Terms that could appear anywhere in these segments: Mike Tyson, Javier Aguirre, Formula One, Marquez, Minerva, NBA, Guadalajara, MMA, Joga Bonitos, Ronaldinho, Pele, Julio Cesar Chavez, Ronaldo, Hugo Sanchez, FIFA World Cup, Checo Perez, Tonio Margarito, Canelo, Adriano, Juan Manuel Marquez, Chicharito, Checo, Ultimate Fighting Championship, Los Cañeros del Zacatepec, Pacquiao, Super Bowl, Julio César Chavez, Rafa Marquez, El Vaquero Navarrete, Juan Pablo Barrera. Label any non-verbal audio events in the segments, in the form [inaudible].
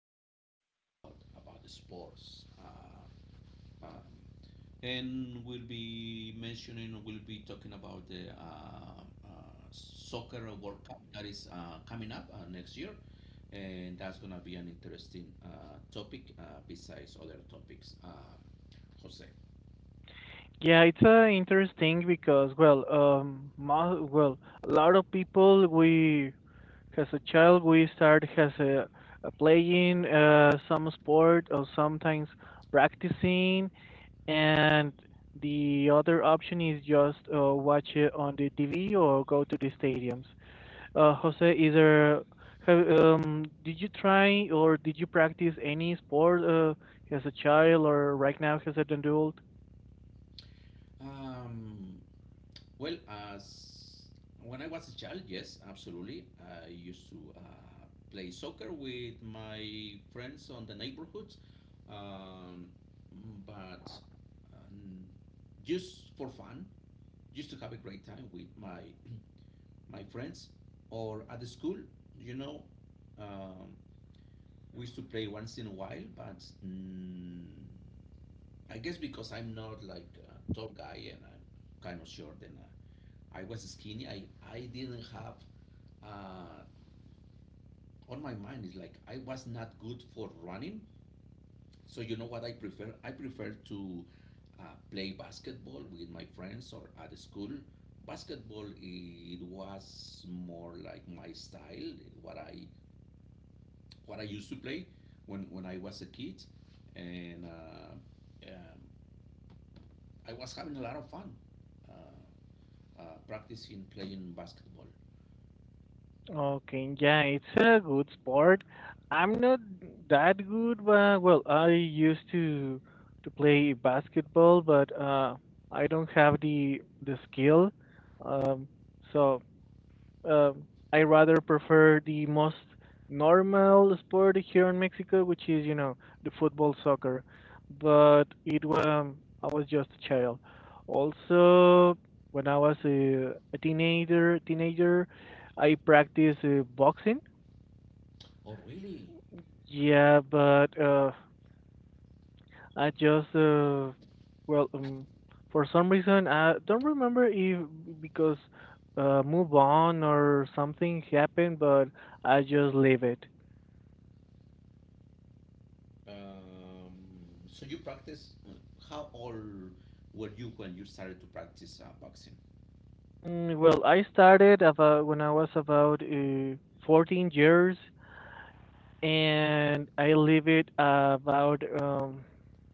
yes, we'll be talking about the sports. Uh, and we'll be talking about the soccer World Cup that is coming up next year, and that's gonna be an interesting topic besides other topics. Jose. Yeah, it's interesting because well, a lot of people we as a child we start as a playing some sport or sometimes practicing, and the other option is just watch it on the TV or go to the stadiums. Jose, either have did you try or did you practice any sport as a child or right now as an adult? um, Well, as when I was a child, yes, absolutely. I used to play soccer with my friends on the neighborhood, um, but um, just for fun, just to have a great time with my [clears throat] my friends, or at the school, you know, um, we used to play once in a while. But I guess because I'm not like a tall guy and I'm kind of short, and I was skinny. I didn't have, uh, on my mind is like, I was not good for running. So you know what I prefer? I prefer to uh, play basketball with my friends or at school. Basketball, it was more like my style, what I, what I used to play when I was a kid. And I was having a lot of fun uh, practicing playing basketball. Okay, yeah, it's a good sport. I'm not that good, but well, I used to play basketball, but I don't have the skill. Um, so I rather prefer the most normal sport here in Mexico, which is you know the football soccer. But it was I was just a child. Also, when I was a teenager, teenager, I practiced boxing. Oh, really? Yeah, but I just well um, for some reason I don't remember if because move on or something happened, but I just leave it. Um, so you practice. How old were you when you started to practice boxing? Well, I started about when I was about 14 years, and I leave it about um,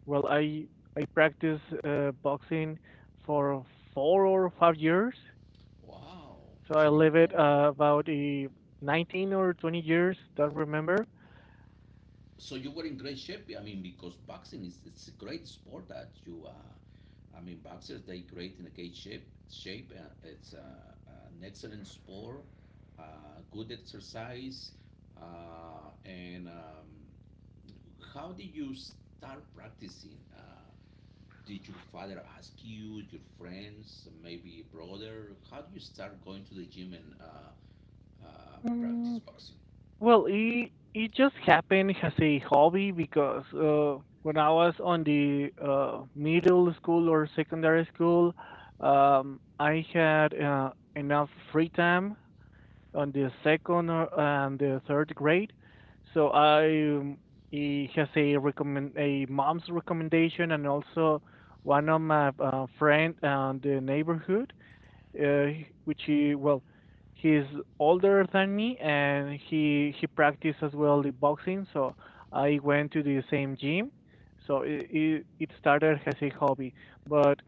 well I I practice boxing for 4 or 5 years, Wow. so I So you leave were it about 19 or 20 years. Don't remember. so you were in great shape. I mean, because boxing is it's a great sport that you. I mean, boxers they great in a great shape. It's an excellent sport. Good exercise. And how did you start practicing? Did your father ask you, your friends, maybe brother? How do you start going to the gym and practice Mm, boxing? well, it it just happened as a hobby because when I was on the middle school or secondary school, I had enough free time on the second or, and the third grade, so I it has a recommend a mom's recommendation and also one of my friend and the neighborhood uh, which he well he's older than me and he practiced as well the boxing, so I went to the same gym. So it started as a hobby, but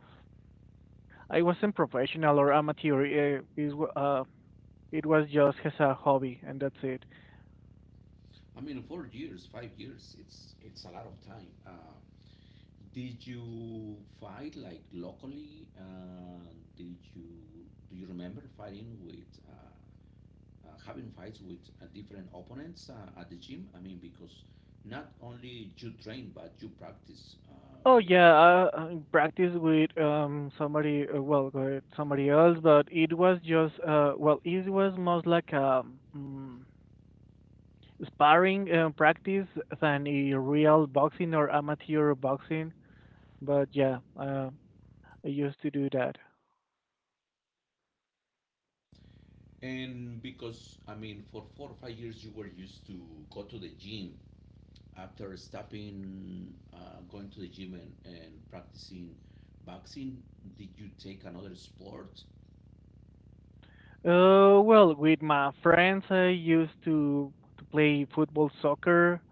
I wasn't professional or amateur. Is uh, it was just as a hobby, and that's it. I mean, 4 years, 5 years, it's a lot of time. Did you fight like locally? Did you do you remember fighting with having fights with different opponents at the gym? I mean, because not only you train but you practice with. I practiced with somebody well with somebody else, but it was just it was most like sparring practice than a real boxing or amateur boxing. But yeah, I used to do that. And because I mean, for 4 or 5 years, you were used to go to the gym. After stopping going to the gym and practicing boxing, did you take another sport? Well, with my friends, I used to play football, soccer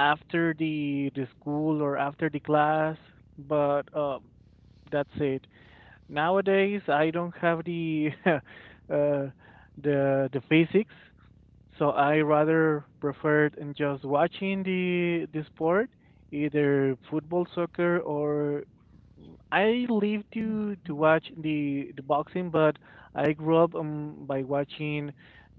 after the school or after the class. But that's it. Nowadays, I don't have the [laughs] the physics. So I rather preferred in just watching the sport, either football, soccer, or I live to watch the boxing, but I grew up by watching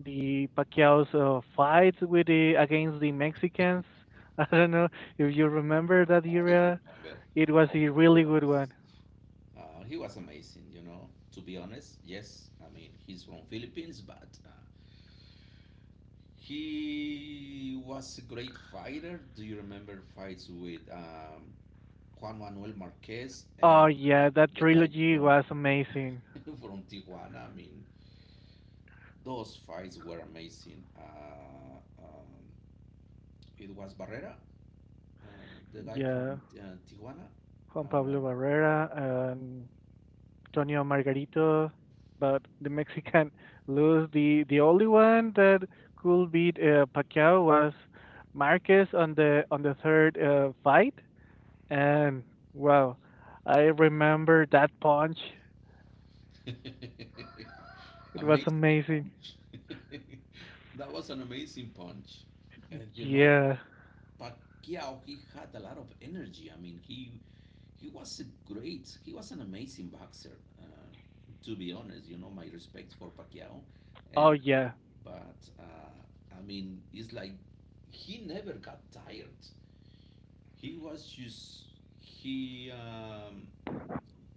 the Pacquiao's fights with the against the Mexicans. [laughs] I don't know if you remember that I era. remember, It was of a really good one. course. He was amazing, you know. To be honest, yes, I mean he's from Philippines, but he was a great fighter. Do you remember fights with Juan Manuel Marquez Oh and uh, yeah, that the guy trilogy from was amazing. [laughs] people from Tijuana, I mean, those fights were amazing. It was Barrera, uh, the guy Yeah, from Tijuana. Juan Uh, Pablo Barrera and Tonio Margarito, but the Mexican [laughs] lose. The only one that could beat Pacquiao was Marquez on the third fight, and wow, I remember that punch. [laughs] It was Amazing amazing. punch. [laughs] That was an amazing punch. And you know, Yeah. Pacquiao, he had a lot of energy. I mean, he was an amazing boxer. To be honest, you know, my respect for Pacquiao, Oh and. yeah. But I mean, it's like he never got tired. He was just he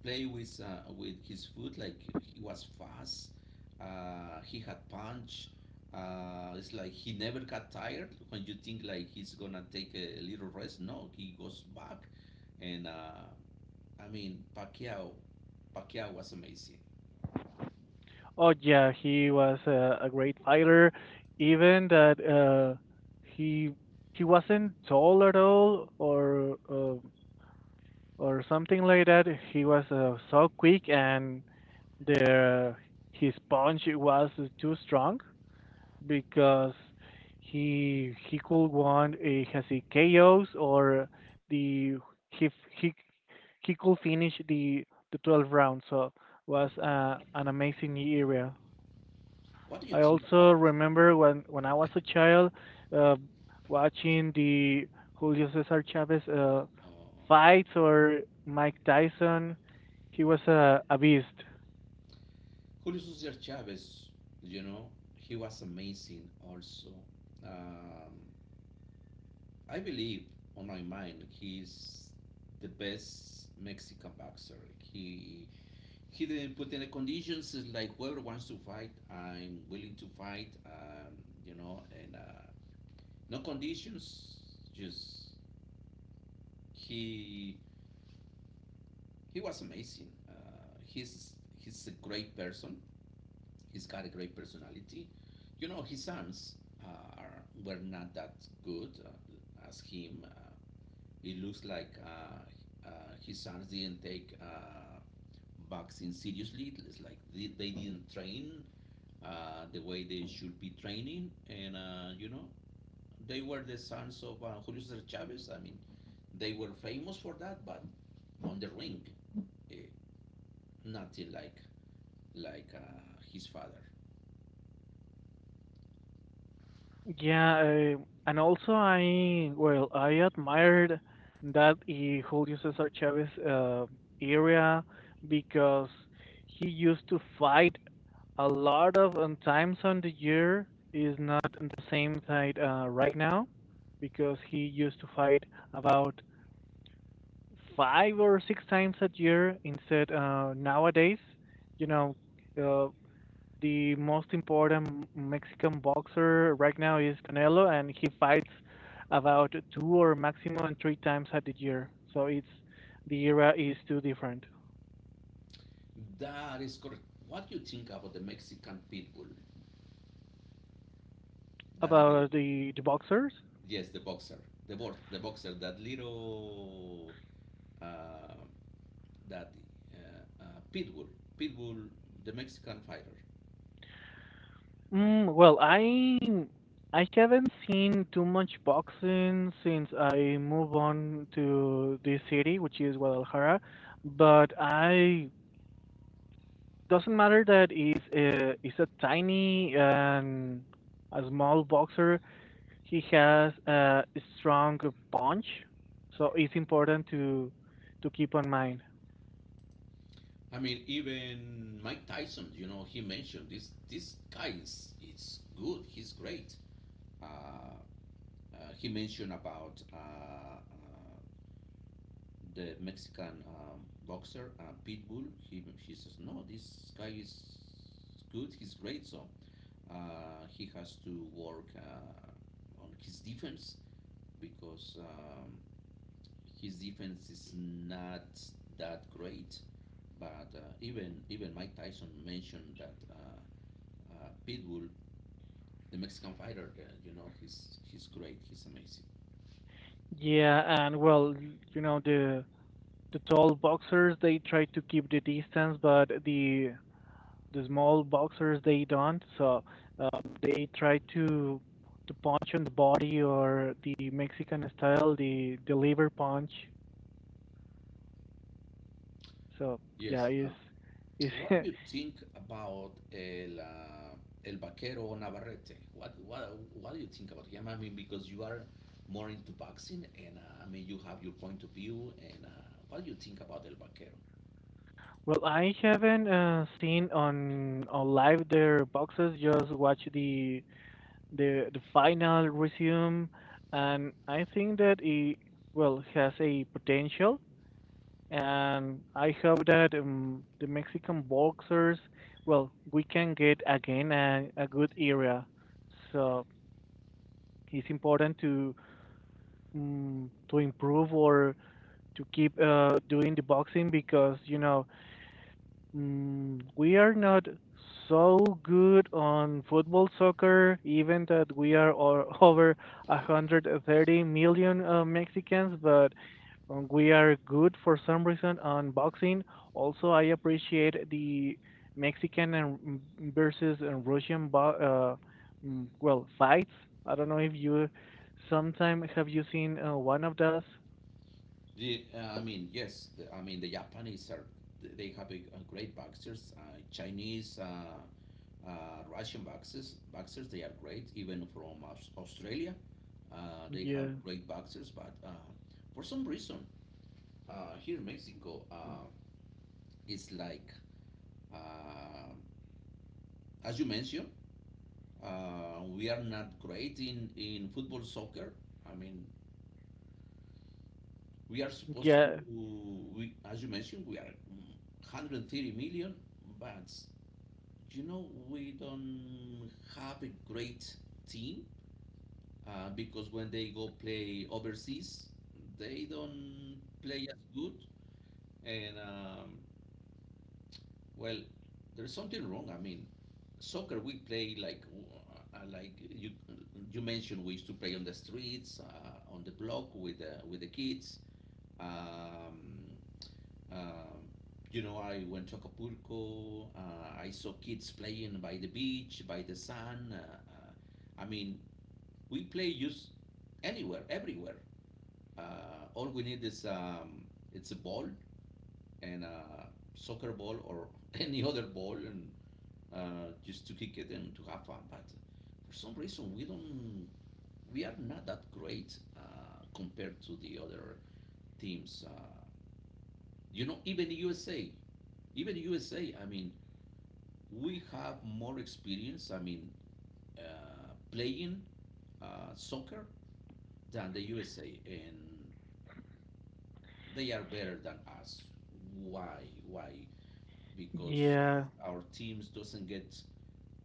play with his foot like he was fast. He had punch. It's like he never got tired. When you think like he's gonna take a little rest, no, he goes back. And I mean, Pacquiao was amazing. Oh yeah. He was a great fighter. Even that he he wasn't tall at all, or something like that. He was so quick, and the his punch was too strong because he could want a has a chaos or the he he he could finish the 12 round, so was an amazing area. What do you I think also about? remember when I was a child uh, watching the Julio Cesar Chavez Uh, fights or Mike Tyson. He was a beast. Julio César Chavez, you know, he was amazing also. Um, I believe, on my mind, he's the best Mexican boxer. He didn't put any conditions. It's like whoever wants to fight, I'm willing to fight. You know, and no conditions. Just he he was amazing. He's a great person. He's got a great personality. You know, his arms were not that good as him. It looks like his arms didn't take boxing seriously. It's like they didn't train the way they should be training. And, you know, they were the sons of Julio Cesar Chavez. I mean, they were famous for that, but on the ring, eh, nothing like his father. Yeah, uh, and also I well I admired that he Julio Cesar Chavez area because he used to fight a lot of times on the year. Is not on the same side right now because he used to fight about 5 or 6 times a year. Instead nowadays, you know, uh, the most important Mexican boxer right now is Canelo, and he fights about 2 or maximum 3 times at the year. So it's the era is too different. That is correct. What do you think about the Mexican pit bull? That little, About the boxers, yes, the boxer, the boxer, that little, uh, that uh, uh, pit bull, pit bull, the Mexican fighter. well, I haven't seen too much boxing since I moved on to this city, which is Guadalajara. But I doesn't matter that it's it's a tiny and a small boxer. He has a strong punch, so it's important to keep on mind. I mean, even Mike Tyson, you know, he mentioned this. This guy is good. He's great. Uh, he mentioned about the Mexican boxer Pitbull. He she says, "No, this guy is good. He's great. So he has to work on his defense because his defense is not that great." But even Mike Tyson mentioned that Pitbull, the Mexican fighter, you know, he's great. He's amazing. Yeah, and well, you know the tall boxers they try to keep the distance, but the small boxers they don't. So uh, they try to punch on the body or the Mexican style, the liver punch. So yeah, Yes. Uh, it's What do [laughs] you think about El Vaquero Navarrete? What do you think about him? I mean, because you are more into boxing, and I mean, you have your point of view, and what do you think about El Vaquero? Well, I haven't seen on live their boxes. Just watch the final resume, and I think that it well has a potential. And I hope that the Mexican boxers, well, we can get again a good era. So it's important to improve or to keep doing the boxing because you know we are not so good on football soccer, even that we are [laughs] over 130 million Mexicans, but we are good for some reason on boxing. Also, I appreciate the Mexican and versus and Russian well fights. I don't know if you sometime have you seen one of those? I mean, yes, I mean, the Japanese are, they have a great boxers, Chinese, Russian boxers, they are great, even from Australia. They have Yeah, great boxers, but for some reason, here in Mexico, it's like, uh, as you mentioned, we are not great in football, soccer. I mean, we are supposed to, yeah, as you mentioned, we are mm, 130 million, but you know, we don't have a great team because when they go play overseas, they don't play as good. And well, there's something wrong. I mean, soccer we play like you mentioned we used to play on the streets, on the block with the kids. Um, um, you know, I went to Acapulco. I saw kids playing by the beach, by the sun. I mean, we play just anywhere, everywhere. All we need is it's a ball and a soccer ball or [laughs] any other ball, and just to kick it and to have fun. But for some reason, we don't, we are not that great compared to the other teams. You know, even USA, even the USA. I mean, we have more experience. I mean, uh, playing soccer than the USA, and they are better than us. Why? Why? Because yeah, our teams doesn't get.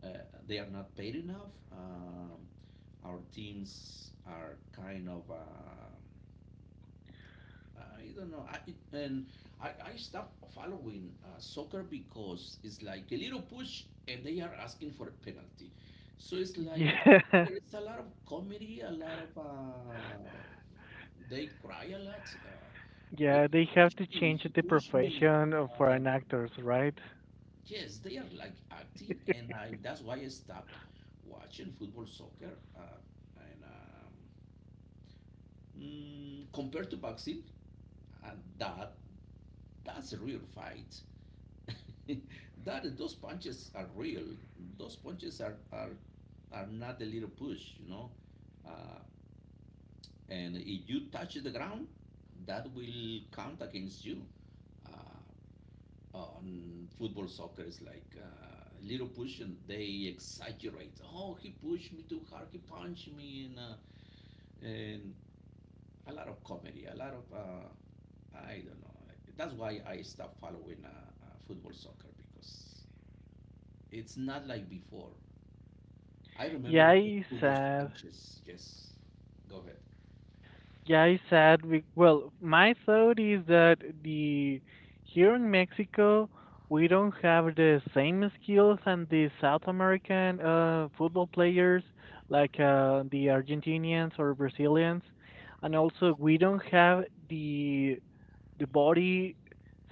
Uh, they are not paid enough. Our teams are kind of I don't know. And I stopped following soccer because it's like a little push and they are asking for a penalty. So it's [laughs] like yeah. there is a lot of comedy, a lot of they cry a lot. He Yeah, they have pushed to me. change He the pushed me. profession of- for Uh, an actors, right? yes, they are like acting, and I that's why I stopped watching football, soccer, and Compared to boxing, uh, that that's a real fight. [laughs] that those punches are real. Those punches are not a little push, you know. Uh, and if you touch the ground, that will count against you. Uh, on football, soccer is like little push, and they exaggerate. Oh, he pushed me too hard. He punched me, and a lot of comedy, a lot of I don't know. That's why I stopped following football soccer because it's not like before. I remember Yeah, it's Hugo sad. Sanchez. Yes, go ahead. Yeah, it's sad. We, well, my thought is that the here in Mexico we don't have the same skills and the South American football players like the Argentinians or Brazilians, and also we don't have the body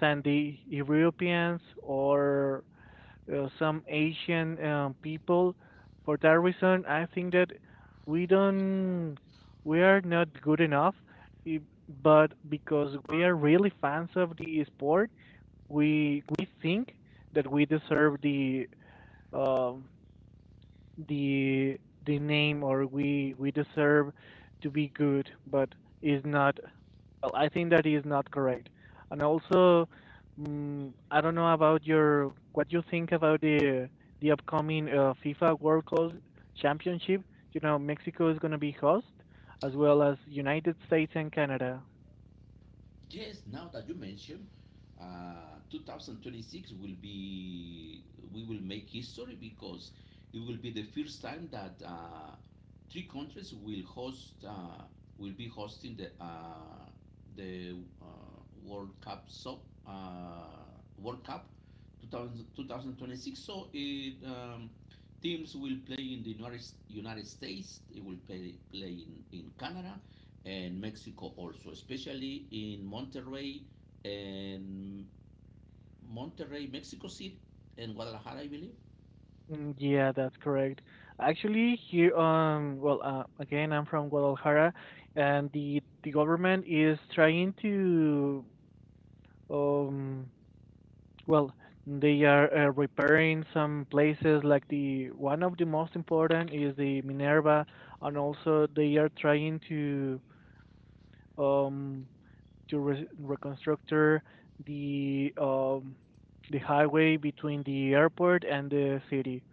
than the Europeans or some Asian people. For that reason, I think that we don't, we are not good enough. i- But because we are really fans of the sport, we think that we deserve the um, the the name, or we deserve to be good, but is not. Well, I think that is not correct. And also, I don't know about your what you think about the upcoming FIFA World Cup Championship. You know, Mexico is going to be host, as well as United States and Canada. Yes, now that you mention, 2026 will be, we will make history because it will be the first time that three countries will be hosting the uh, World Cup, so, uh, World Cup 2000 2026. So teams will play in the United States, they will play in Canada and Mexico also, especially in and Monterrey, Mexico City and Guadalajara, I believe. Yeah, that's correct. Actually, here, well, again, I'm from Guadalajara, and the government is trying to, um, well, they are repairing some places like the one of the most important is the Minerva, and also they are trying um, to re reconstruct the um the highway between the airport and the city.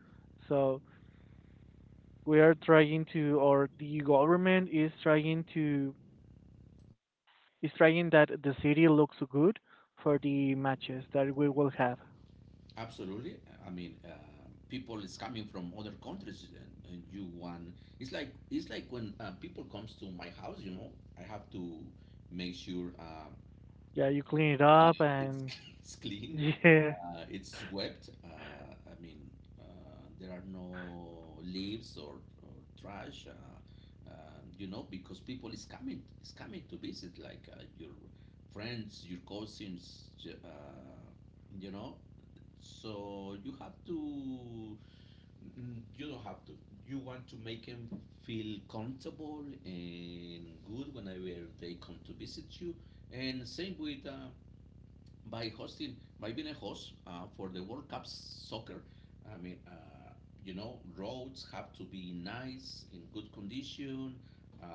So we are trying to, or the government is trying to, is trying that the city looks good for the matches that we will have. Absolutely. I mean, people is coming from other countries, and you want it's like when people comes to my house. You know, I have to make sure Yeah, you clean it uh, up, it's and [laughs] it's [laughs] clean. yeah, It's swept. I mean, uh, there are no leaves or trash. You know, because people is coming to visit, like your friends, your cousins. You know, so you have to. You don't have to. You want to make them feel comfortable and good whenever they come to visit you. And same with by being a host for the World Cup soccer. I mean, you know, roads have to be nice in good condition. Uh,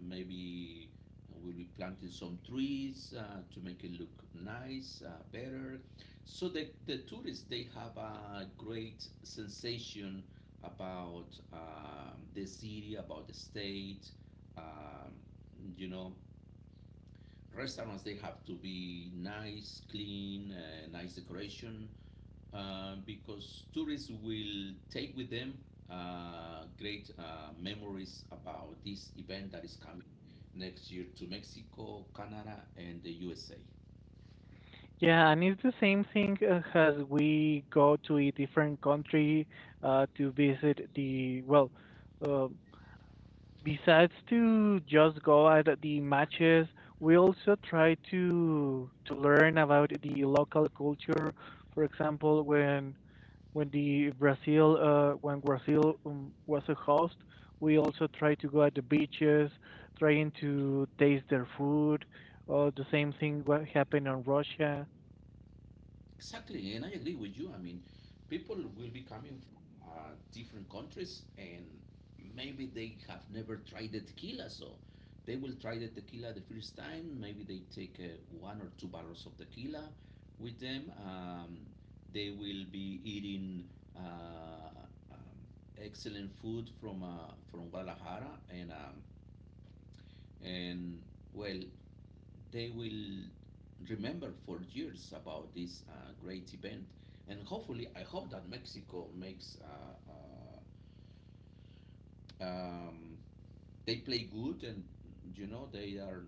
maybe we'll be planting some trees to make it look nice, better. So the tourists they have a great sensation about the city, about the state. Um, you know, Restaurants they have to be nice, clean, nice decoration, because tourists will take with them great memories about this event that is coming next year to Mexico, Canada, and the USA. yeah, and it's the same thing as we go to a different country to visit well, uh, besides to just go at the matches, we also try to learn about the local culture. For example, when the Brazil when Brazil was a host, we also tried to go at the beaches, trying to taste their food. Or the same thing what happened in Russia. Exactly, and I agree with you. I mean, people will be coming from different countries, and maybe they have never tried the tequila, so they will try the tequila the first time. Maybe they take one or two barrels of tequila with them. They will be eating uh, um, excellent food from Guadalajara, and and well, they will remember for years about this great event. And hopefully, I hope that Mexico makes uh, um, they play good and you know they are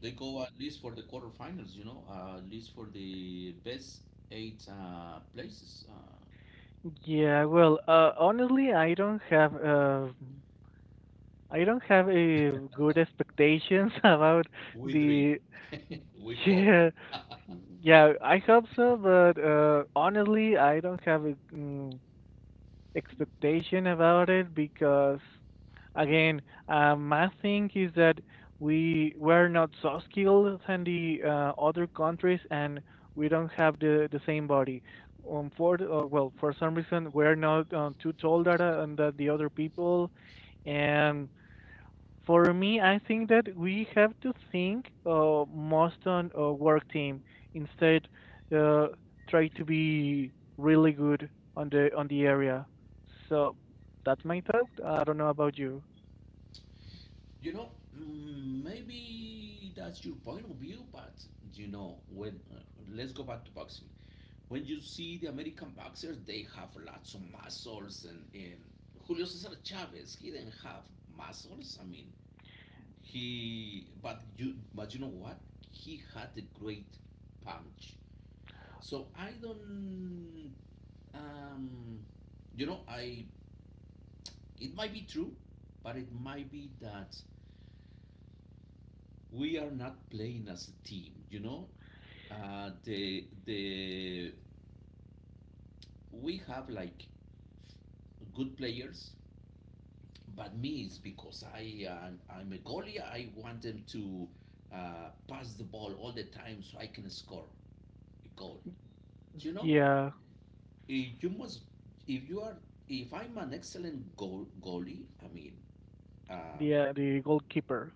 they go at least for the quarterfinals. You know, at least for the best eight places. Yeah, well, honestly, I don't have a good expectations [laughs] about We dream. the [laughs] We hope. yeah yeah I hope so, but honestly, I don't have a. Expectation about it because again my thing is that we were not so skilled than the other countries, and we don't have the same body for the- well for some reason we're not too taller than the other people. And for me, I think that we have to think most on a work team instead. Uh, try to be really good on the area. So that's my thought. I don't know about you. You know, maybe that's your point of view, but you know, when let's go back to boxing. When you see the American boxers, they have lots of muscles, and Julio Cesar Chavez, he didn't have muscles. I mean, but you know what? He had a great punch. So I don't, um, you know, I it might be true, but it might be that we are not playing as a team. You know, the we have like good players. But me is because I'm a goalie. I want them to pass the ball all the time so I can score a goal. Do you know? Yeah, You must if you are if I'm an excellent goalie. I mean, um the goalkeeper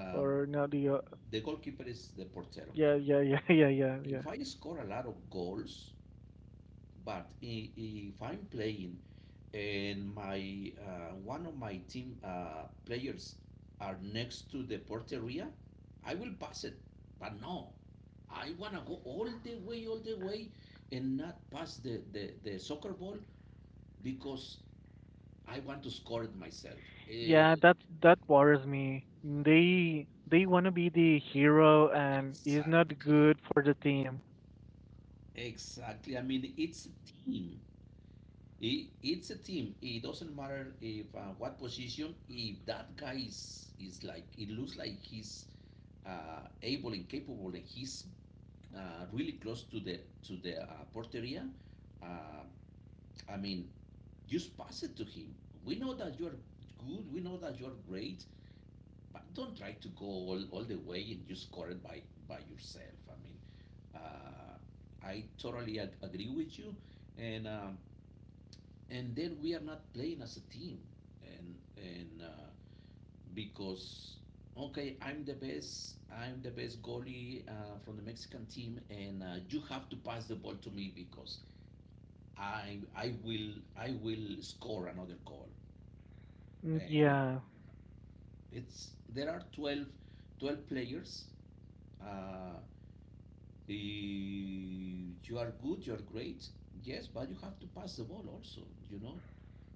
um or no the the goalkeeper is the portero. yeah yeah yeah [laughs] yeah yeah yeah If I score a lot of goals, but if I'm playing and my one of my team players are next to the porteria, I will pass it. But no, I wanna go all the way, and not pass the soccer ball because I want to score it myself. Eh, yeah that that bothers me. They want to be the hero, and is not exactly, good for the team. exactly. I mean, it's a team. It's a team. It doesn't matter if what position. If that guy is like it looks like he's able and capable, and he's really close to the porteria. Uh, I mean, just pass it to him. We know that you're good. We know that you're great. But don't try to go all the way and just score it by yourself. I mean, uh, I totally agree with you, and um, and then we are not playing as a team and because okay, I'm the best, I'm the best goalie from the Mexican team, and you have to pass the ball to me because I will score another goal. Mm, And yeah it's there are 12 players. uh, you are good, you are great, yes, but you have to pass the ball also, you know,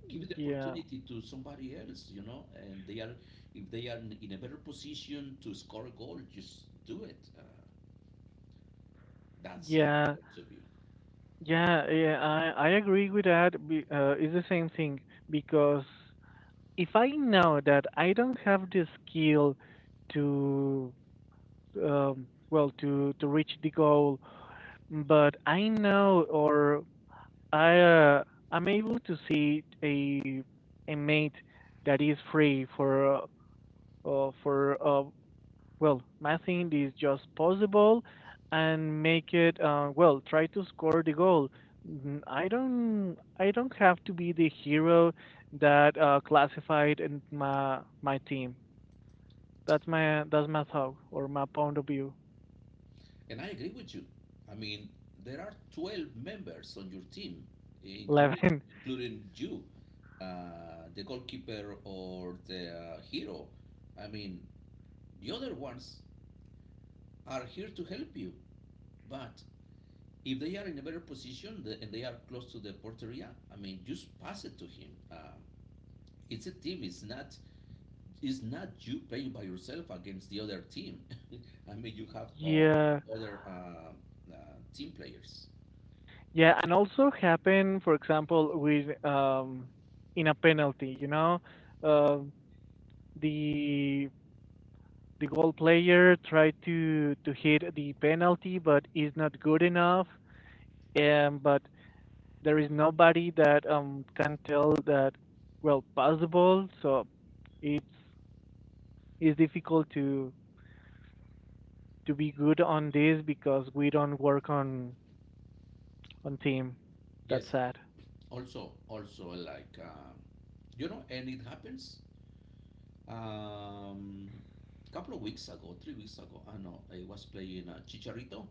give the yeah. opportunity to somebody else, you know, and they are if they are in a better position to score a goal, just do it. That's my Yeah, point of view, yeah, yeah, I agree with that. It's the same thing because if I know that I don't have the skill to, well, to reach the goal, but I know or I uh, I'm able to see a mate that is free for uh, for uh, well, Massing is just possible, and make it well, try to score the goal. Mm, I don't have to be the hero that classified in my team. That's my thought or my point of view. and I agree with you. I mean, there are 12 members on your team, including 11. [laughs] including you, the goalkeeper or the hero. I mean, the other ones are here to help you, but if they are in a better position and they are close to the porteria, I mean, just pass it to him. It's a team. It's not you playing by yourself against the other team. [laughs] I mean, you have Yeah. other team players. Yeah, and also happen, for example, with in a penalty, you know, um the the goal player tried to hit the penalty, but is not good enough. And but there is nobody that can tell that, well, pass the ball. So it's it's difficult to be good on this because we don't work on team. That's Yes. sad. Also, also you know, and it happens. Um, Couple of weeks ago, 3 weeks ago, I know I was playing Chicharito,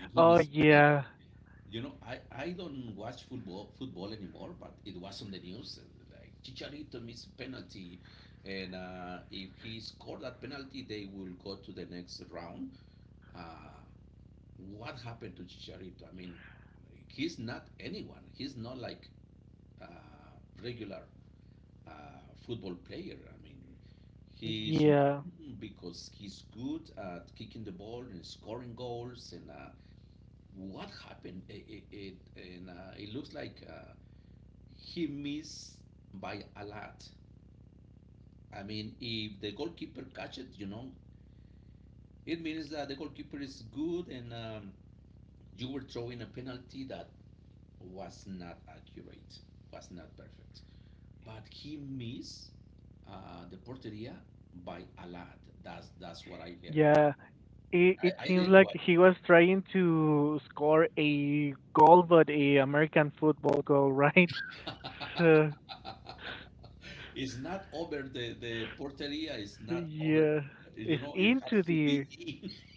and he Oh, missed a penalty. yeah, You know, I don't watch football anymore, but it was on the news. Like Chicharito missed penalty, and if he scored that penalty, they will go to the next round. Uh, what happened to Chicharito? I mean, he's not anyone. He's not like uh, regular football player. I mean, he's yeah, known because he's good at kicking the ball and scoring goals, and what happened? It- and it looks like he missed by a lot. I mean, if the goalkeeper catches it, you know, it means that the goalkeeper is good, and you were throwing a penalty that was not accurate, was not perfect. But he missed the porteria by a lot. That's what I heard. yeah. It I seems didn't like watch he was trying to score a goal, but a American football goal, right? [laughs] So It's not over the porteria, it's not over, yeah, you it's know, it into has to be the.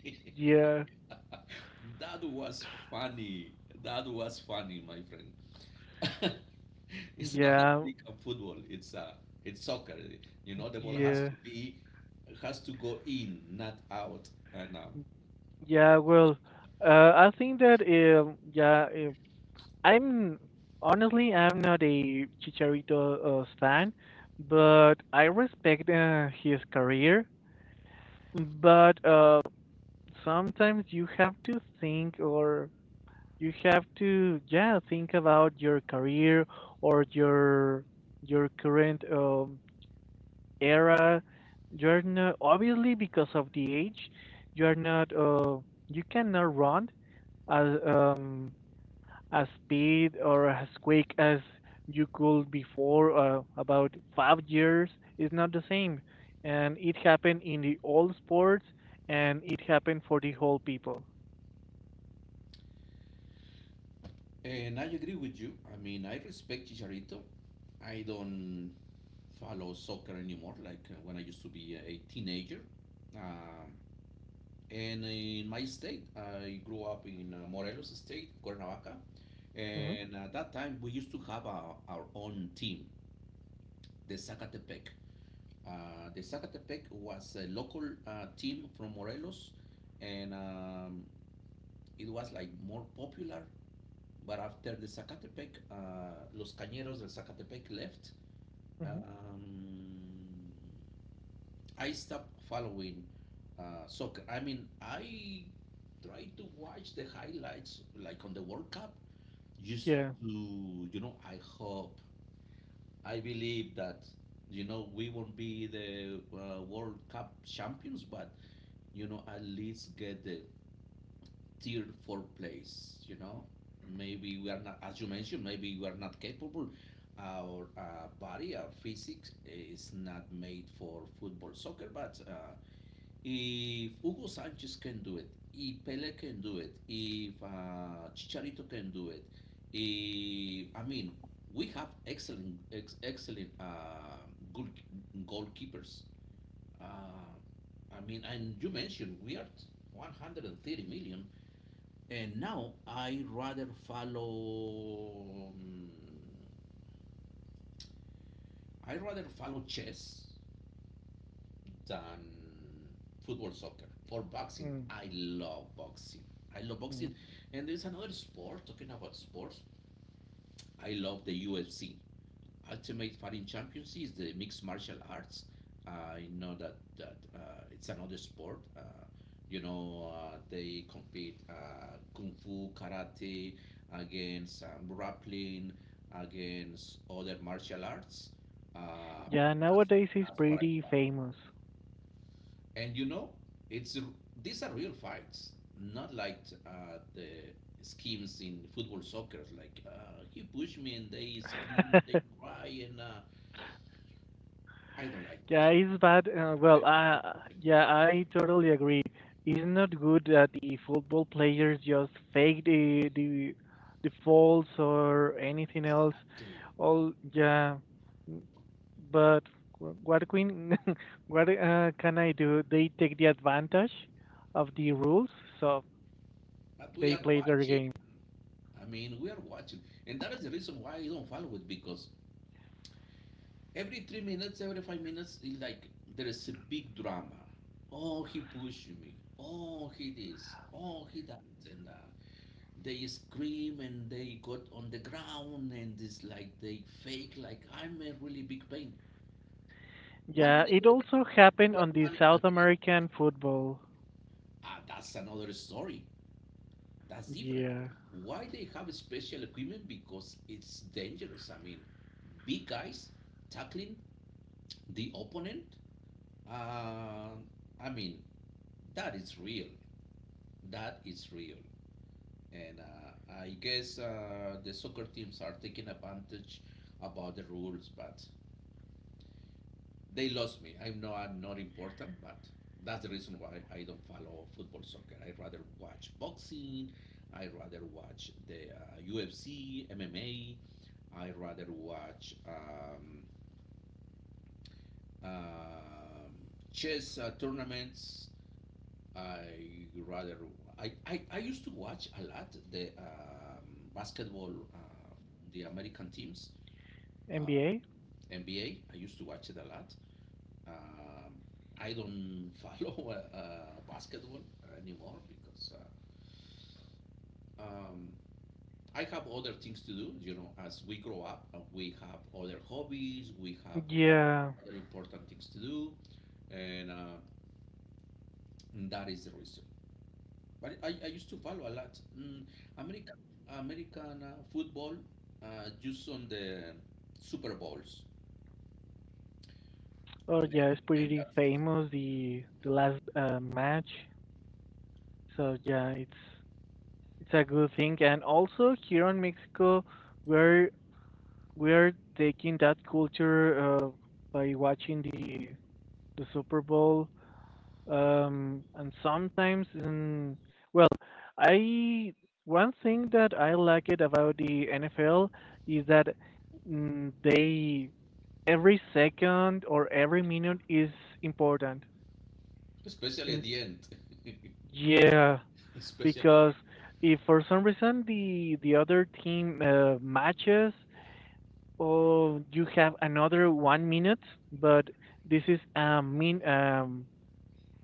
in. Yeah, [laughs] That was funny. That was funny, my friend. [laughs] It's not yeah, American football, it's soccer. You know, the ball has yeah, to be has to go in, not out. Yeah. Well, uh, I think that, yeah, I'm honestly I'm not a Chicharito fan, but I respect his career. But sometimes you have to think, or you have to, yeah, think about your career, or your current era. You're not, obviously because of the age, you're not, you cannot run as um as speed or as quick as you could before, about 5 years. Is not the same, and it happened in the old sports, and it happened for the whole people. And I agree with you. I mean, I respect Chicharito. I don't follow soccer anymore like when I used to be a teenager. Um, And in my state, I grew up in Morelos State, Cuernavaca. Hmm. And at that time, we used to have our own team, the Zacatepec. The Zacatepec was a local team from Morelos, and it was like more popular. But after the Zacatepec, Los Cañeros del Zacatepec left. Hmm. Um, I stopped following soccer. I mean, I try to watch the highlights, like on the World Cup, just Yeah. to, you know, I hope, I believe that, you know, we won't be the World Cup champions, but, you know, at least get the tier four place, you know? Maybe we are not, as you mentioned, maybe we are not capable. Our body, our physics is not made for football, soccer, but if Hugo Sanchez can do it, if Pele can do it, if Chicharito can do it, if, I mean, we have excellent goal- goalkeepers. Uh, I mean, and you mentioned we are 130 million, and now I rather follow chess than football, soccer, or boxing. Mm-hmm. I love boxing. I love Mm-hmm. boxing. And there's another sport, talking about sports. I love the UFC. Ultimate Fighting Championship is the mixed martial arts. I know that it's another sport. You know, they compete kung fu, karate, against grappling, against other martial arts. Uh, Yeah, that's, nowadays he's that's what I pretty follow. famous. And you know, it's these are real fights, not like the schemes in football soccer. Like he pushed me and they scream, they [laughs] cry, and I don't like Yeah, that. it's bad. Well, yeah, I totally agree. It's not good that the football players just fake the faults or anything else. Exactly. All yeah, n- but what queen? [laughs] What can I do? They take the advantage of the rules, so But we they are play their watching. game. I mean, we are watching, and that is the reason why I don't follow it because every 3 minutes, every 5 minutes, it's like there is a big drama. Oh, he pushed me. Oh, he this. Oh, he that, and they scream and they got on the ground and it's like they fake like I'm a really big pain. One Yeah, minute it later also happened they on are the running South again. American football. Ah, that's another story. That's different. Yeah, Why they have special equipment? Because it's dangerous. I mean, big guys tackling the opponent. Uh, I mean, that is real. That is real. And I guess the soccer teams are taking advantage about the rules, but they lost me. I know I'm not important, but that's the reason why I don't follow football soccer. I rather watch boxing. I rather watch the UFC, MMA. I rather watch um chess tournaments. I rather I used to watch a lot the basketball, the American teams, uh, NBA. NBA. I used to watch it a lot. Um, I don't [laughs] follow basketball anymore because uh, um, I have other things to do. You know, as we grow up, we have other hobbies, we have Yeah. other important things to do, and that is the reason. But I used to follow a lot American American football, just on the Super Bowls, Oh and, yeah, it's and pretty that's it. famous the last match. So yeah, it's a good thing. And also here in Mexico, we're we're taking that culture by watching the Super Bowl. And sometimes, well, I one thing that I like it about the NFL is that, they, every second or every minute is important Especially at in. the end, Yeah, [laughs] especially at the end. because if for some reason the other team matches, or you have another 1 minute, but this is a min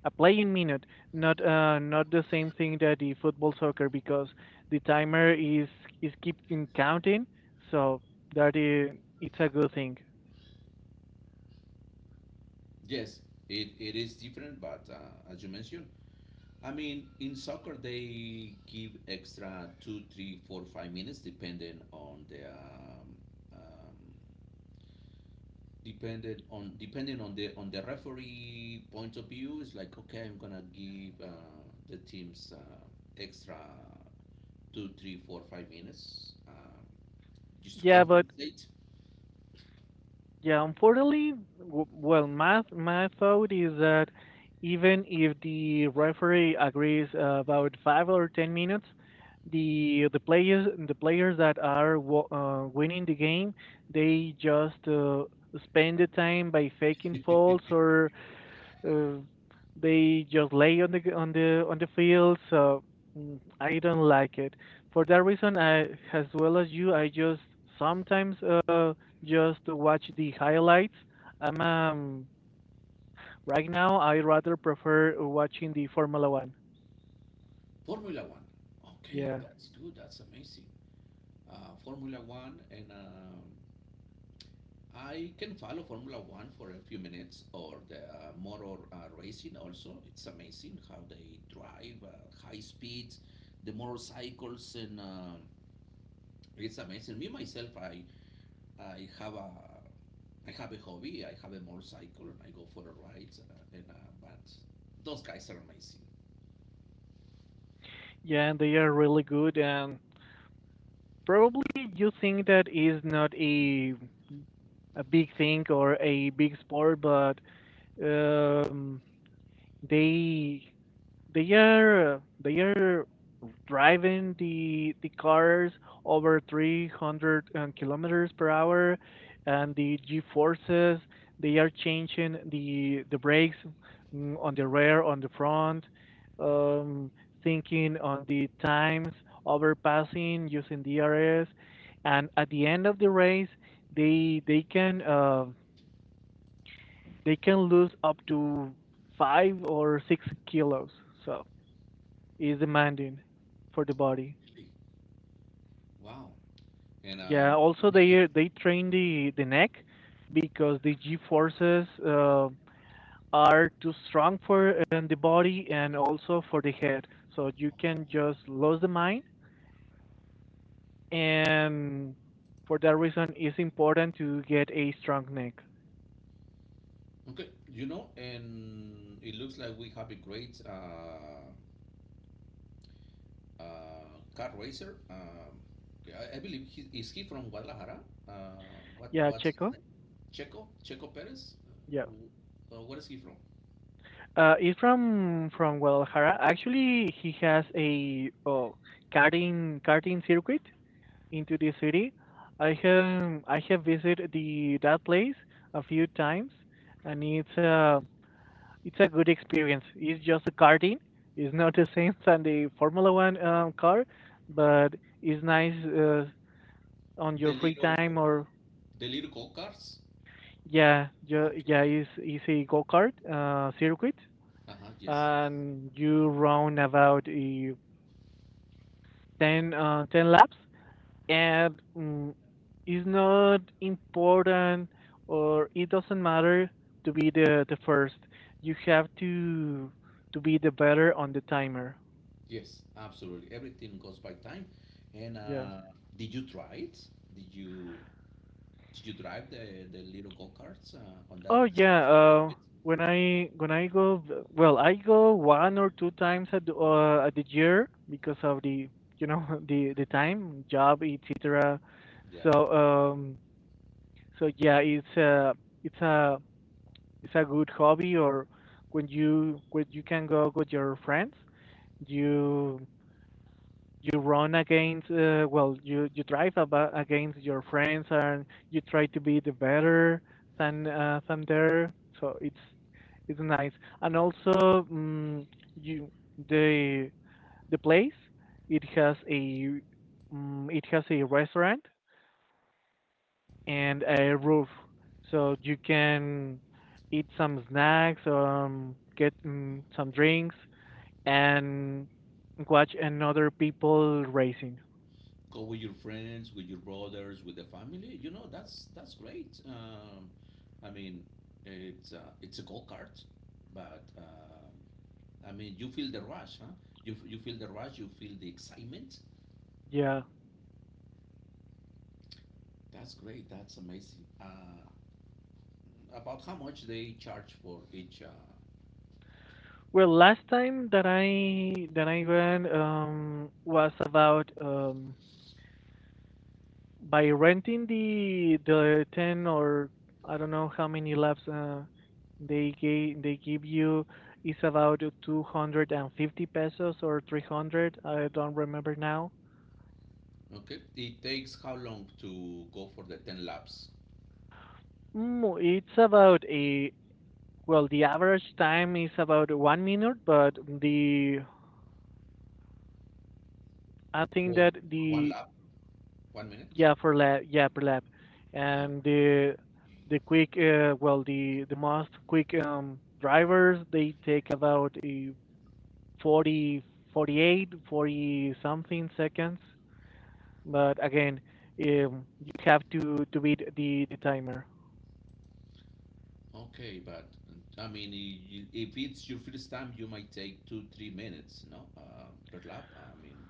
a playing minute. Not, not the same thing that the football soccer, because the timer is keeping counting, so that is it's a good thing. Yes, it is different, but as you mentioned, I mean, in soccer they give extra two, three, four, 5 minutes depending on the um, depending on the referee point of view. It's like okay, I'm gonna give the teams extra two, three, four, 5 minutes just to Yeah, but compensate. yeah, unfortunately, well, my thought is that even if the referee agrees, about 5 or 10 minutes, the players that are winning the game, they just spend the time by faking faults, or uh, they just lay on the g- on the field. So, I don't like it. For that reason, I, as well as you, I just sometimes just watch the highlights. I'm right now I rather prefer watching the Formula One. Formula One, okay, Yeah, that's good, that's amazing. Formula One and. I can follow Formula One for a few minutes or the motor racing also. It's amazing how they drive high speeds, the motorcycles, and it's amazing. Me myself, I have a I have a hobby. I have a motorcycle and I go for the rides. And but those guys are amazing, yeah, and they are really good. And probably you think that is not a big thing or a big sport, but, um, they they are driving the cars over 300 kilometers per hour. And the G forces, they are changing the brakes, on the rear, on the front, um, thinking on the times, overpassing using DRS, and at the end of the race they they can uh, they can lose up to 5 or 6 kilos. So is demanding for the body. really. Wow. And Yeah, also I mean, it's they train the neck, because the G forces are too strong for the body and about also for the head. So you can just oh, lose the mind, and for that reason it's important to get a strong neck. Okay, you know, and it looks like we have a great car racer. Yeah, I believe he is, he from Guadalajara. What Yeah, what's his Checo. name? Checo Perez. Yeah, Where is he from? It's from Guadalajara. Actually, he has a karting circuit into the city. I have visited the that place a few times, and it's a good experience. It's just a karting. It's not the same [laughs] than the Formula One car, but it's nice on your The free time. little Or the little go karts. yeah, yeah, Okay. yeah. Yeah. It's a go kart circuit, Uh huh. Yes. Yes. and you run about 10 laps, and, it's not important or it doesn't matter to be the first. You have to be the better on the timer. Yes. Absolutely. Everything goes by time. And Yeah. Did you try it? Did you did you drive the little go karts on that Oh yeah, circuit? when I, go, well, I go 1 or 2 times at the year, because of the you know [laughs] the time job, etc. Yeah. So, so yeah, it's it's a it's a good hobby. Or when you, can go with your friends, you you run against, well, you drive aba against your friends, and you try to be the better than, there. So it's nice. And also, mm you the place, it has a, restaurant and a roof. So you can eat some snacks, get, some drinks, and watch another people racing. Go with your friends, with your brothers, with the family. You know, that's great. I mean, it's a go kart, but I mean, you feel the rush, huh? You feel the rush, you feel the excitement. Yeah. That's great. That's amazing. About how much they charge for each? Well, last time that I went, was about, by renting the 10, or I don't know how many laps they give you, is about 250 pesos or 300. I don't remember now. Okay, it takes how long to go for the ten laps? It's about a well, the average time is about 1 minute, but the I think For, that for one the lap, 1 minute. yeah, for lab yeah per lab, and the quick, well, the most quick drivers, they take about a 40 48 40 something seconds. But again, you have to beat the timer. Okay, but I mean, you, if it's your first time, you might take two, 3 minutes, no, per lap. I mean,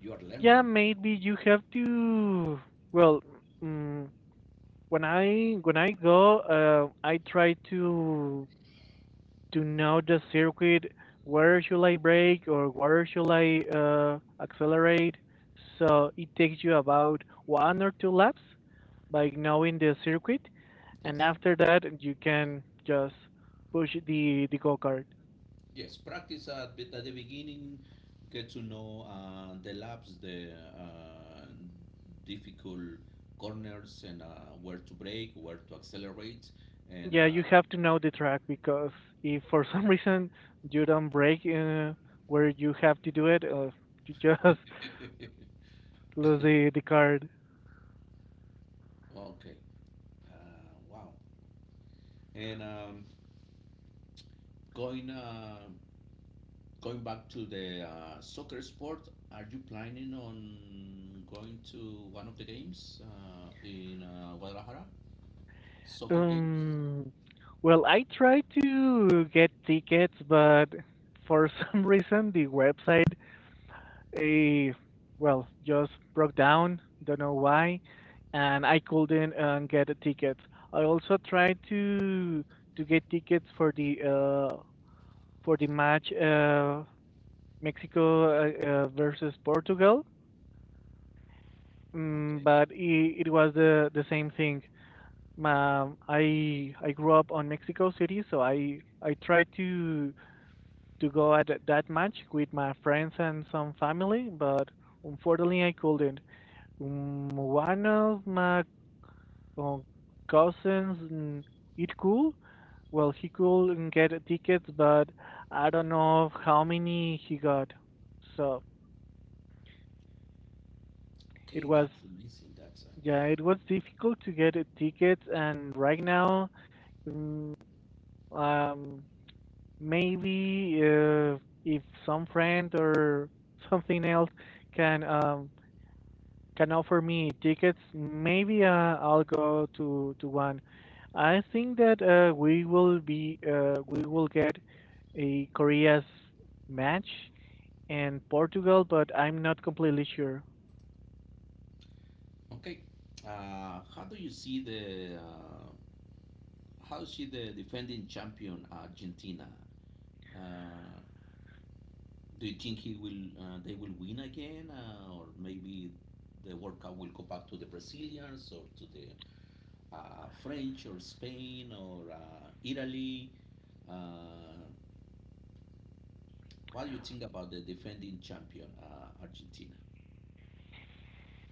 you are Yeah, learning. maybe you have to, well, mm, when I go, I try to know the circuit. Where should I brake, or where should I, accelerate? So it takes you about 1 or 2 laps by knowing the circuit, and Yes. after that you can just push the go kart. Yes, practice at the beginning, get to know the laps, the difficult corners, and where to brake, where to accelerate, and Yeah, you have to know the track, because if for some [laughs] reason you don't brake, where you have to do it, you [laughs] just [laughs] okay, lose the car. Wow. And going uh, Going back to the soccer sport, are you planning on going to one of the games in Guadalajara? Soccer games? Um, well, I tried to get tickets, but for [laughs] some reason the website, eh, well, just broke down. Don't know why, and I couldn't, get the tickets. I also tried to get tickets for the match, Mexico, versus Portugal, Okay. but it was the same thing. I grew up on Mexico City, so I tried to go at that match with my friends and some family, but unfortunately I couldn't. One of my, uh, cousins, it cool. Well, he could get tickets, but I don't know how many he got. So it Okay, was, that's amazing. That's yeah, it was difficult to get, tickets, and right now, mm, um maybe, if some friend or something else can um can offer me tickets, maybe, I'll go to one. I think that, we will get a Korea's match and Portugal, but I'm not completely sure. okay. How do you see the how you see the defending champion Argentina? Uh, do you think he will, they will win again, or maybe the World Cup will go back to the Brazilians or to the French or Spain or Italy? Uh, what do you think about the defending champion, Argentina?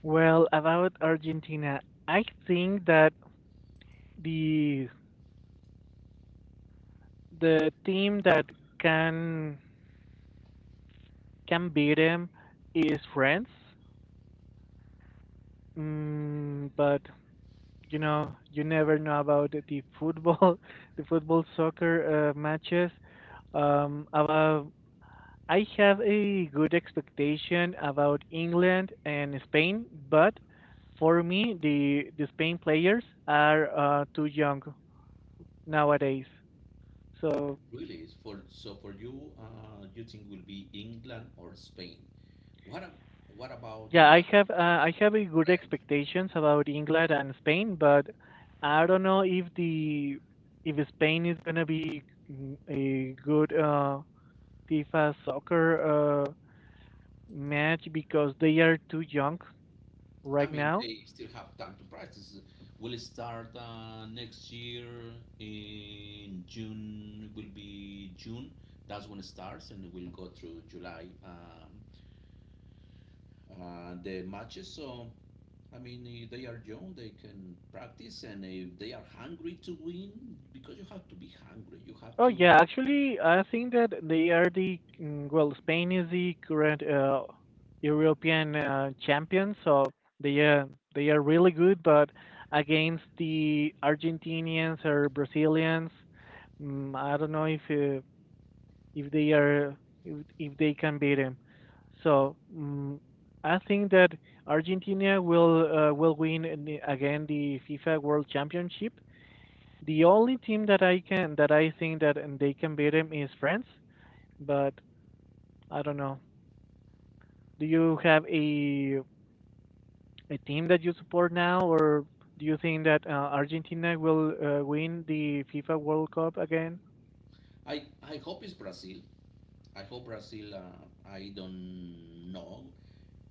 Well, about Argentina, I think that the the team that can can beat them is France. But you know, you never know about the football, [laughs] the football soccer matches. About I have a good expectation about England and Spain, but for me, the Spain players are, too young nowadays. So Really, it's for so for you, you think will be England or Spain? What a- what about the yeah, I have uh, I have a good French? expectations about England and Spain, but I don't know if the if Spain is gonna be, a good, FIFA soccer, match, because they are too young I right mean, now. they still have time to practice. Will it start next year in June? It will be June. That's when it starts, and it will go through July. The matches. So I mean, they are young, they can practice, and if they are hungry to win, because you have to be hungry, you have Oh to. yeah, actually, I think that they are the mm, well, Spain is the current, European, champions, so they are they are really good. But against the Argentinians or Brazilians, I don't know if they are if they can beat them. So, I think that Argentina will, will win in the- again the FIFA World Championship. The only team that I can that I think that, and they can beat him, is France. But I don't know. Do you have a team that you support now, or do you think that, Argentina will, win the FIFA World Cup again? I hope it's Brazil. I hope Brazil, I don't know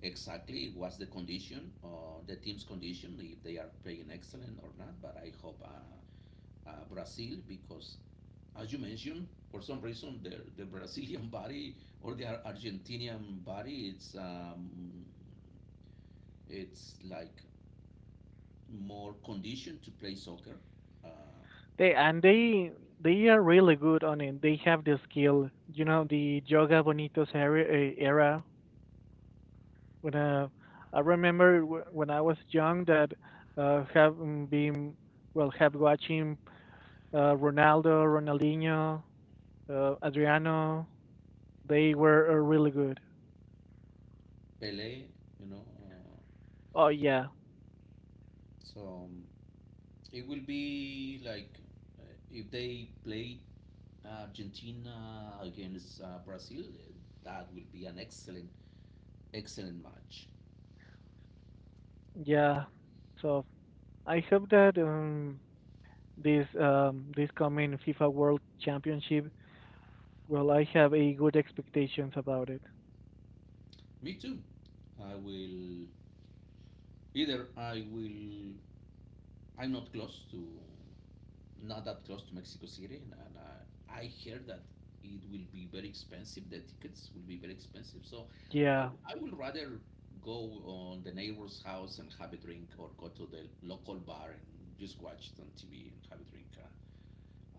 exactly what's the condition, the team's condition, if they are playing excellent or not, but I hope, Brazil, because as you mentioned, for some reason, the Brazilian [laughs] body or the Argentinian body, it's. It's like more conditioned to play soccer. Uh, They and they they are really good on it. They have the skill. You know the Joga Bonitos era, when, I remember when I was young, that, have mm, been well have watching, Ronaldo, Ronaldinho, Adriano. They were, really good. Pele, you know. Oh yeah, So it will be like if they play Argentina against Brazil, that will be an excellent, excellent match. yeah. So I hope that, this coming FIFA World Championship, well, I have a good expectations about it. Me too. I will I will. I'm not close to, not that close to Mexico City, and, I heard that it will be very expensive. The tickets will be very expensive, so I, Yeah, I would rather go on the neighbor's house and have a drink, or go to the local bar and just watch it on TV and have a drink.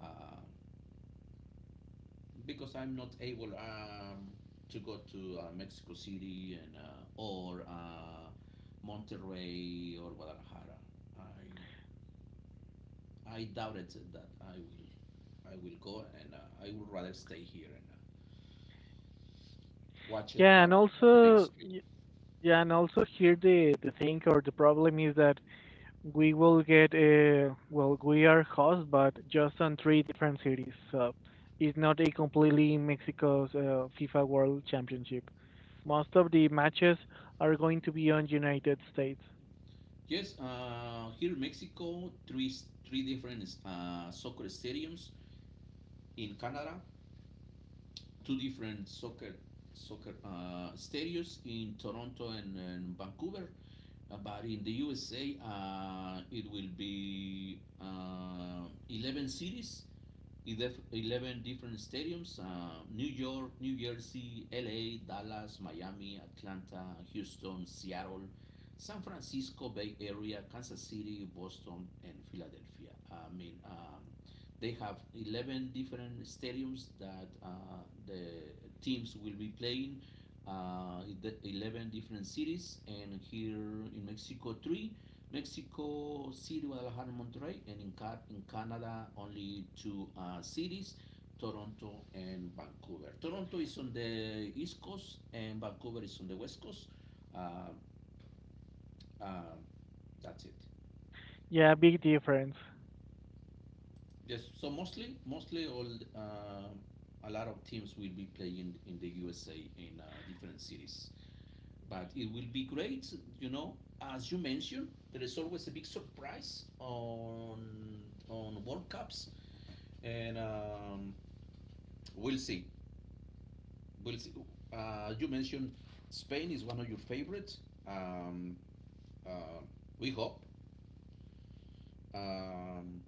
Uh, uh, because I'm not able to go to Mexico City and or Monterrey or Guadalajara. I I doubted that I will go, and I would rather stay here and watch it yeah, and on the big also, screen. Here the thing, or the problem, is that we will get a well, we are host, but just on three different cities, so it's not a completely Mexico's, FIFA World Championship. Most of the matches are going to be on United States. Yes, here in Mexico, three different soccer stadiums. In Canada, two different soccer stadiums in Toronto and Vancouver. But in the USA, it will be 11 cities, 11 different stadiums, New York, New Jersey, LA, Dallas, Miami, Atlanta, Houston, Seattle, San Francisco Bay Area, Kansas City, Boston, and Philadelphia. I mean, they have 11 different stadiums that the teams will be playing, in the 11 different cities, and here in Mexico, three. Mexico City, Guadalajara, and Monterrey, and in, in Canada, only two cities, Toronto and Vancouver. Toronto is on the east coast, and Vancouver is on the west coast. Uh, uh, that's it. Yeah, big difference. Yes, so mostly, mostly all uh, a lot of teams will be playing in the USA in different cities. But it will be great, you know. As you mentioned, there is always a big surprise on World Cups, and we'll see. We'll see. You mentioned Spain is one of your favorites. Um, uh, we hope. Um,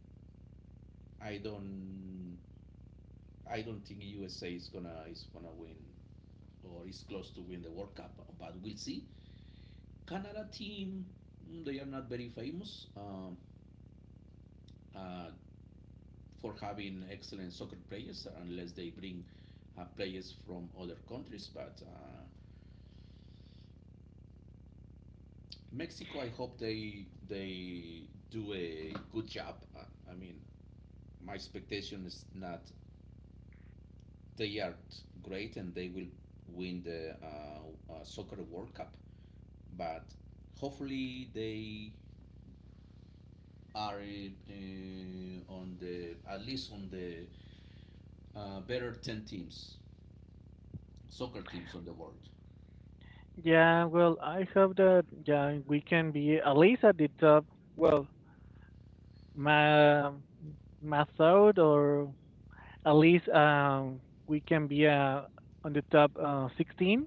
I don't. I don't think USA is gonna win or is close to win the World Cup, but we'll see. Canada team, they are not very famous uh, for having excellent soccer players unless they bring players from other countries. But Mexico, I hope they do a good job. I mean, my expectation is not they are great and they will win the soccer World Cup, but hopefully they are on the at least on the better ten teams, soccer teams on the world. Yeah, well, I hope that, yeah, we can be at least at the top. Well, my my thought, or at least, we can be, on the top, 16,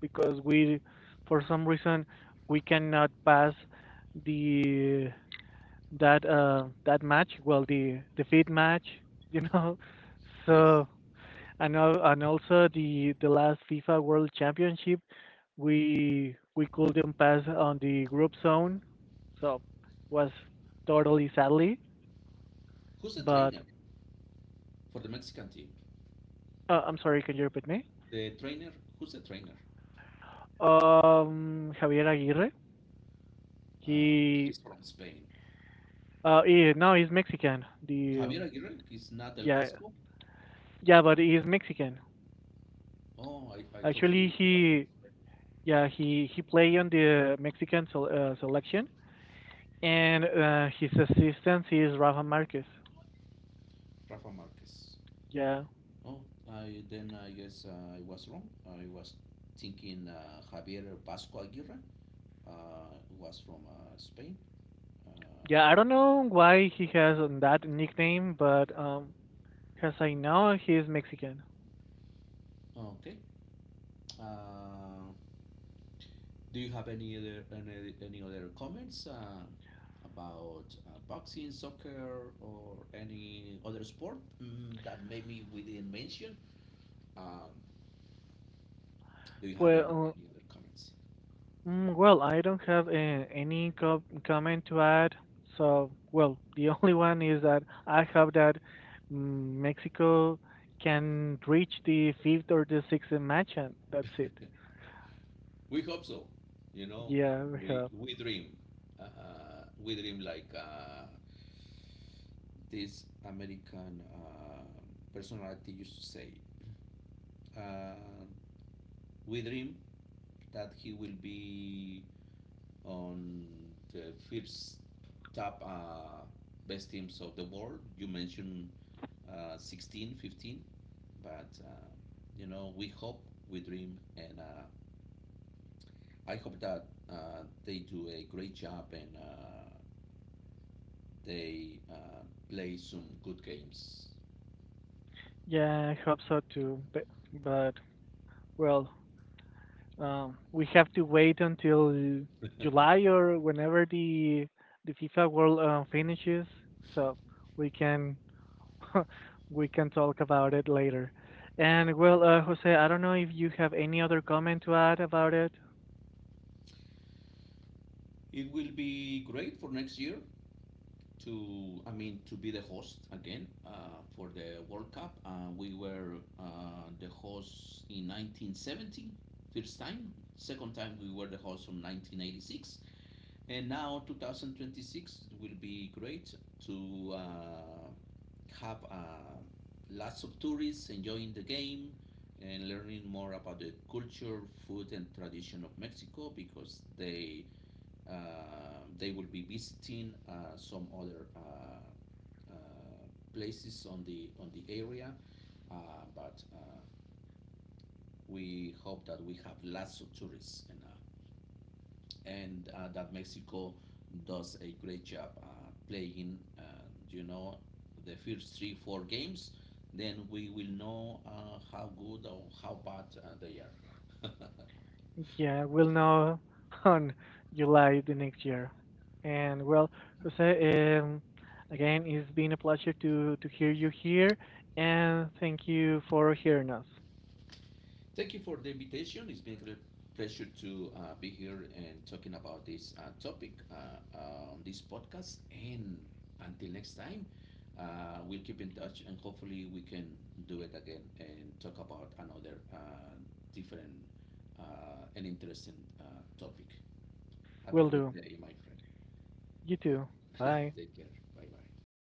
because we, for some reason, we cannot pass the that that match. Well, the feed match, you know. [laughs] Yes. So, and and also the last FIFA World Championship, we couldn't pass on the group zone, so was totally sadly. Who's the But, trainer for the Mexican team? I'm sorry, can you repeat me? The trainer, who's the trainer? Javier Aguirre. Uh, He, he's from Spain. No, he's Mexican. The Javier Aguirre is not El Yeah, Vasco. yeah, but he's Mexican. Oh, I thought Actually, he was from he, Spain. Play on the Mexican selection, and his assistant is Rafa Marquez. Rafa Marquez. Yeah, Oh, I then I guess I was wrong. I was thinking Javier Vasco Aguirre was from Spain. Yeah. I I mean, don't know why he has on that nickname, but, as I know, he's Mexican. oh, okay. Uh, do you have any other comments about boxing, soccer, or any other sport, that maybe we didn't mention? Um, do you have Well, any other comments? Well, I don't have, any comment to add. So, well, the [laughs] only one is that I hope that, Mexico can reach the fifth or the sixth match, and that's it. We hope so. You know, Yeah, we we hope. we dream, we dream like this American personality used to say. Uh, we dream that he will be on the first top best teams of the world. You mentioned 16, 15, but you know, we hope, we dream, and I hope that they do a great job and. They play some good games. Yeah, I hope so too. But, but well, we have to wait until July or whenever the FIFA World, finishes, so we can [laughs] we can talk about it later. And well, Jose, I don't know if you have any other comment to add about it. It will be great for next year to, I mean, to be the host again for the World Cup. We were the host in 1970, first time. Second time we were the host from 1986. And now 2026 will be great to have lots of tourists enjoying the game and learning more about the culture, food, and tradition of Mexico because they will be visiting some other places on the area. But We hope that we have lots of tourists and. That Mexico does a great job playing. You know, the first 3 4 games, then we will know how good or how bad they are. [laughs] Yeah, we'll know [laughs] on July the next year. And well, Jose, again, it's been a pleasure to hear you here, and thank you for hearing us. Thank you for the invitation. It's been a great pleasure to be here and talking about this topic on this podcast. And until next time, we'll keep in touch and hopefully we can do it again and talk about another different and interesting uh, topic. Have a Will great do. day, my friend. You too. [laughs] Bye. Take care. Bye bye.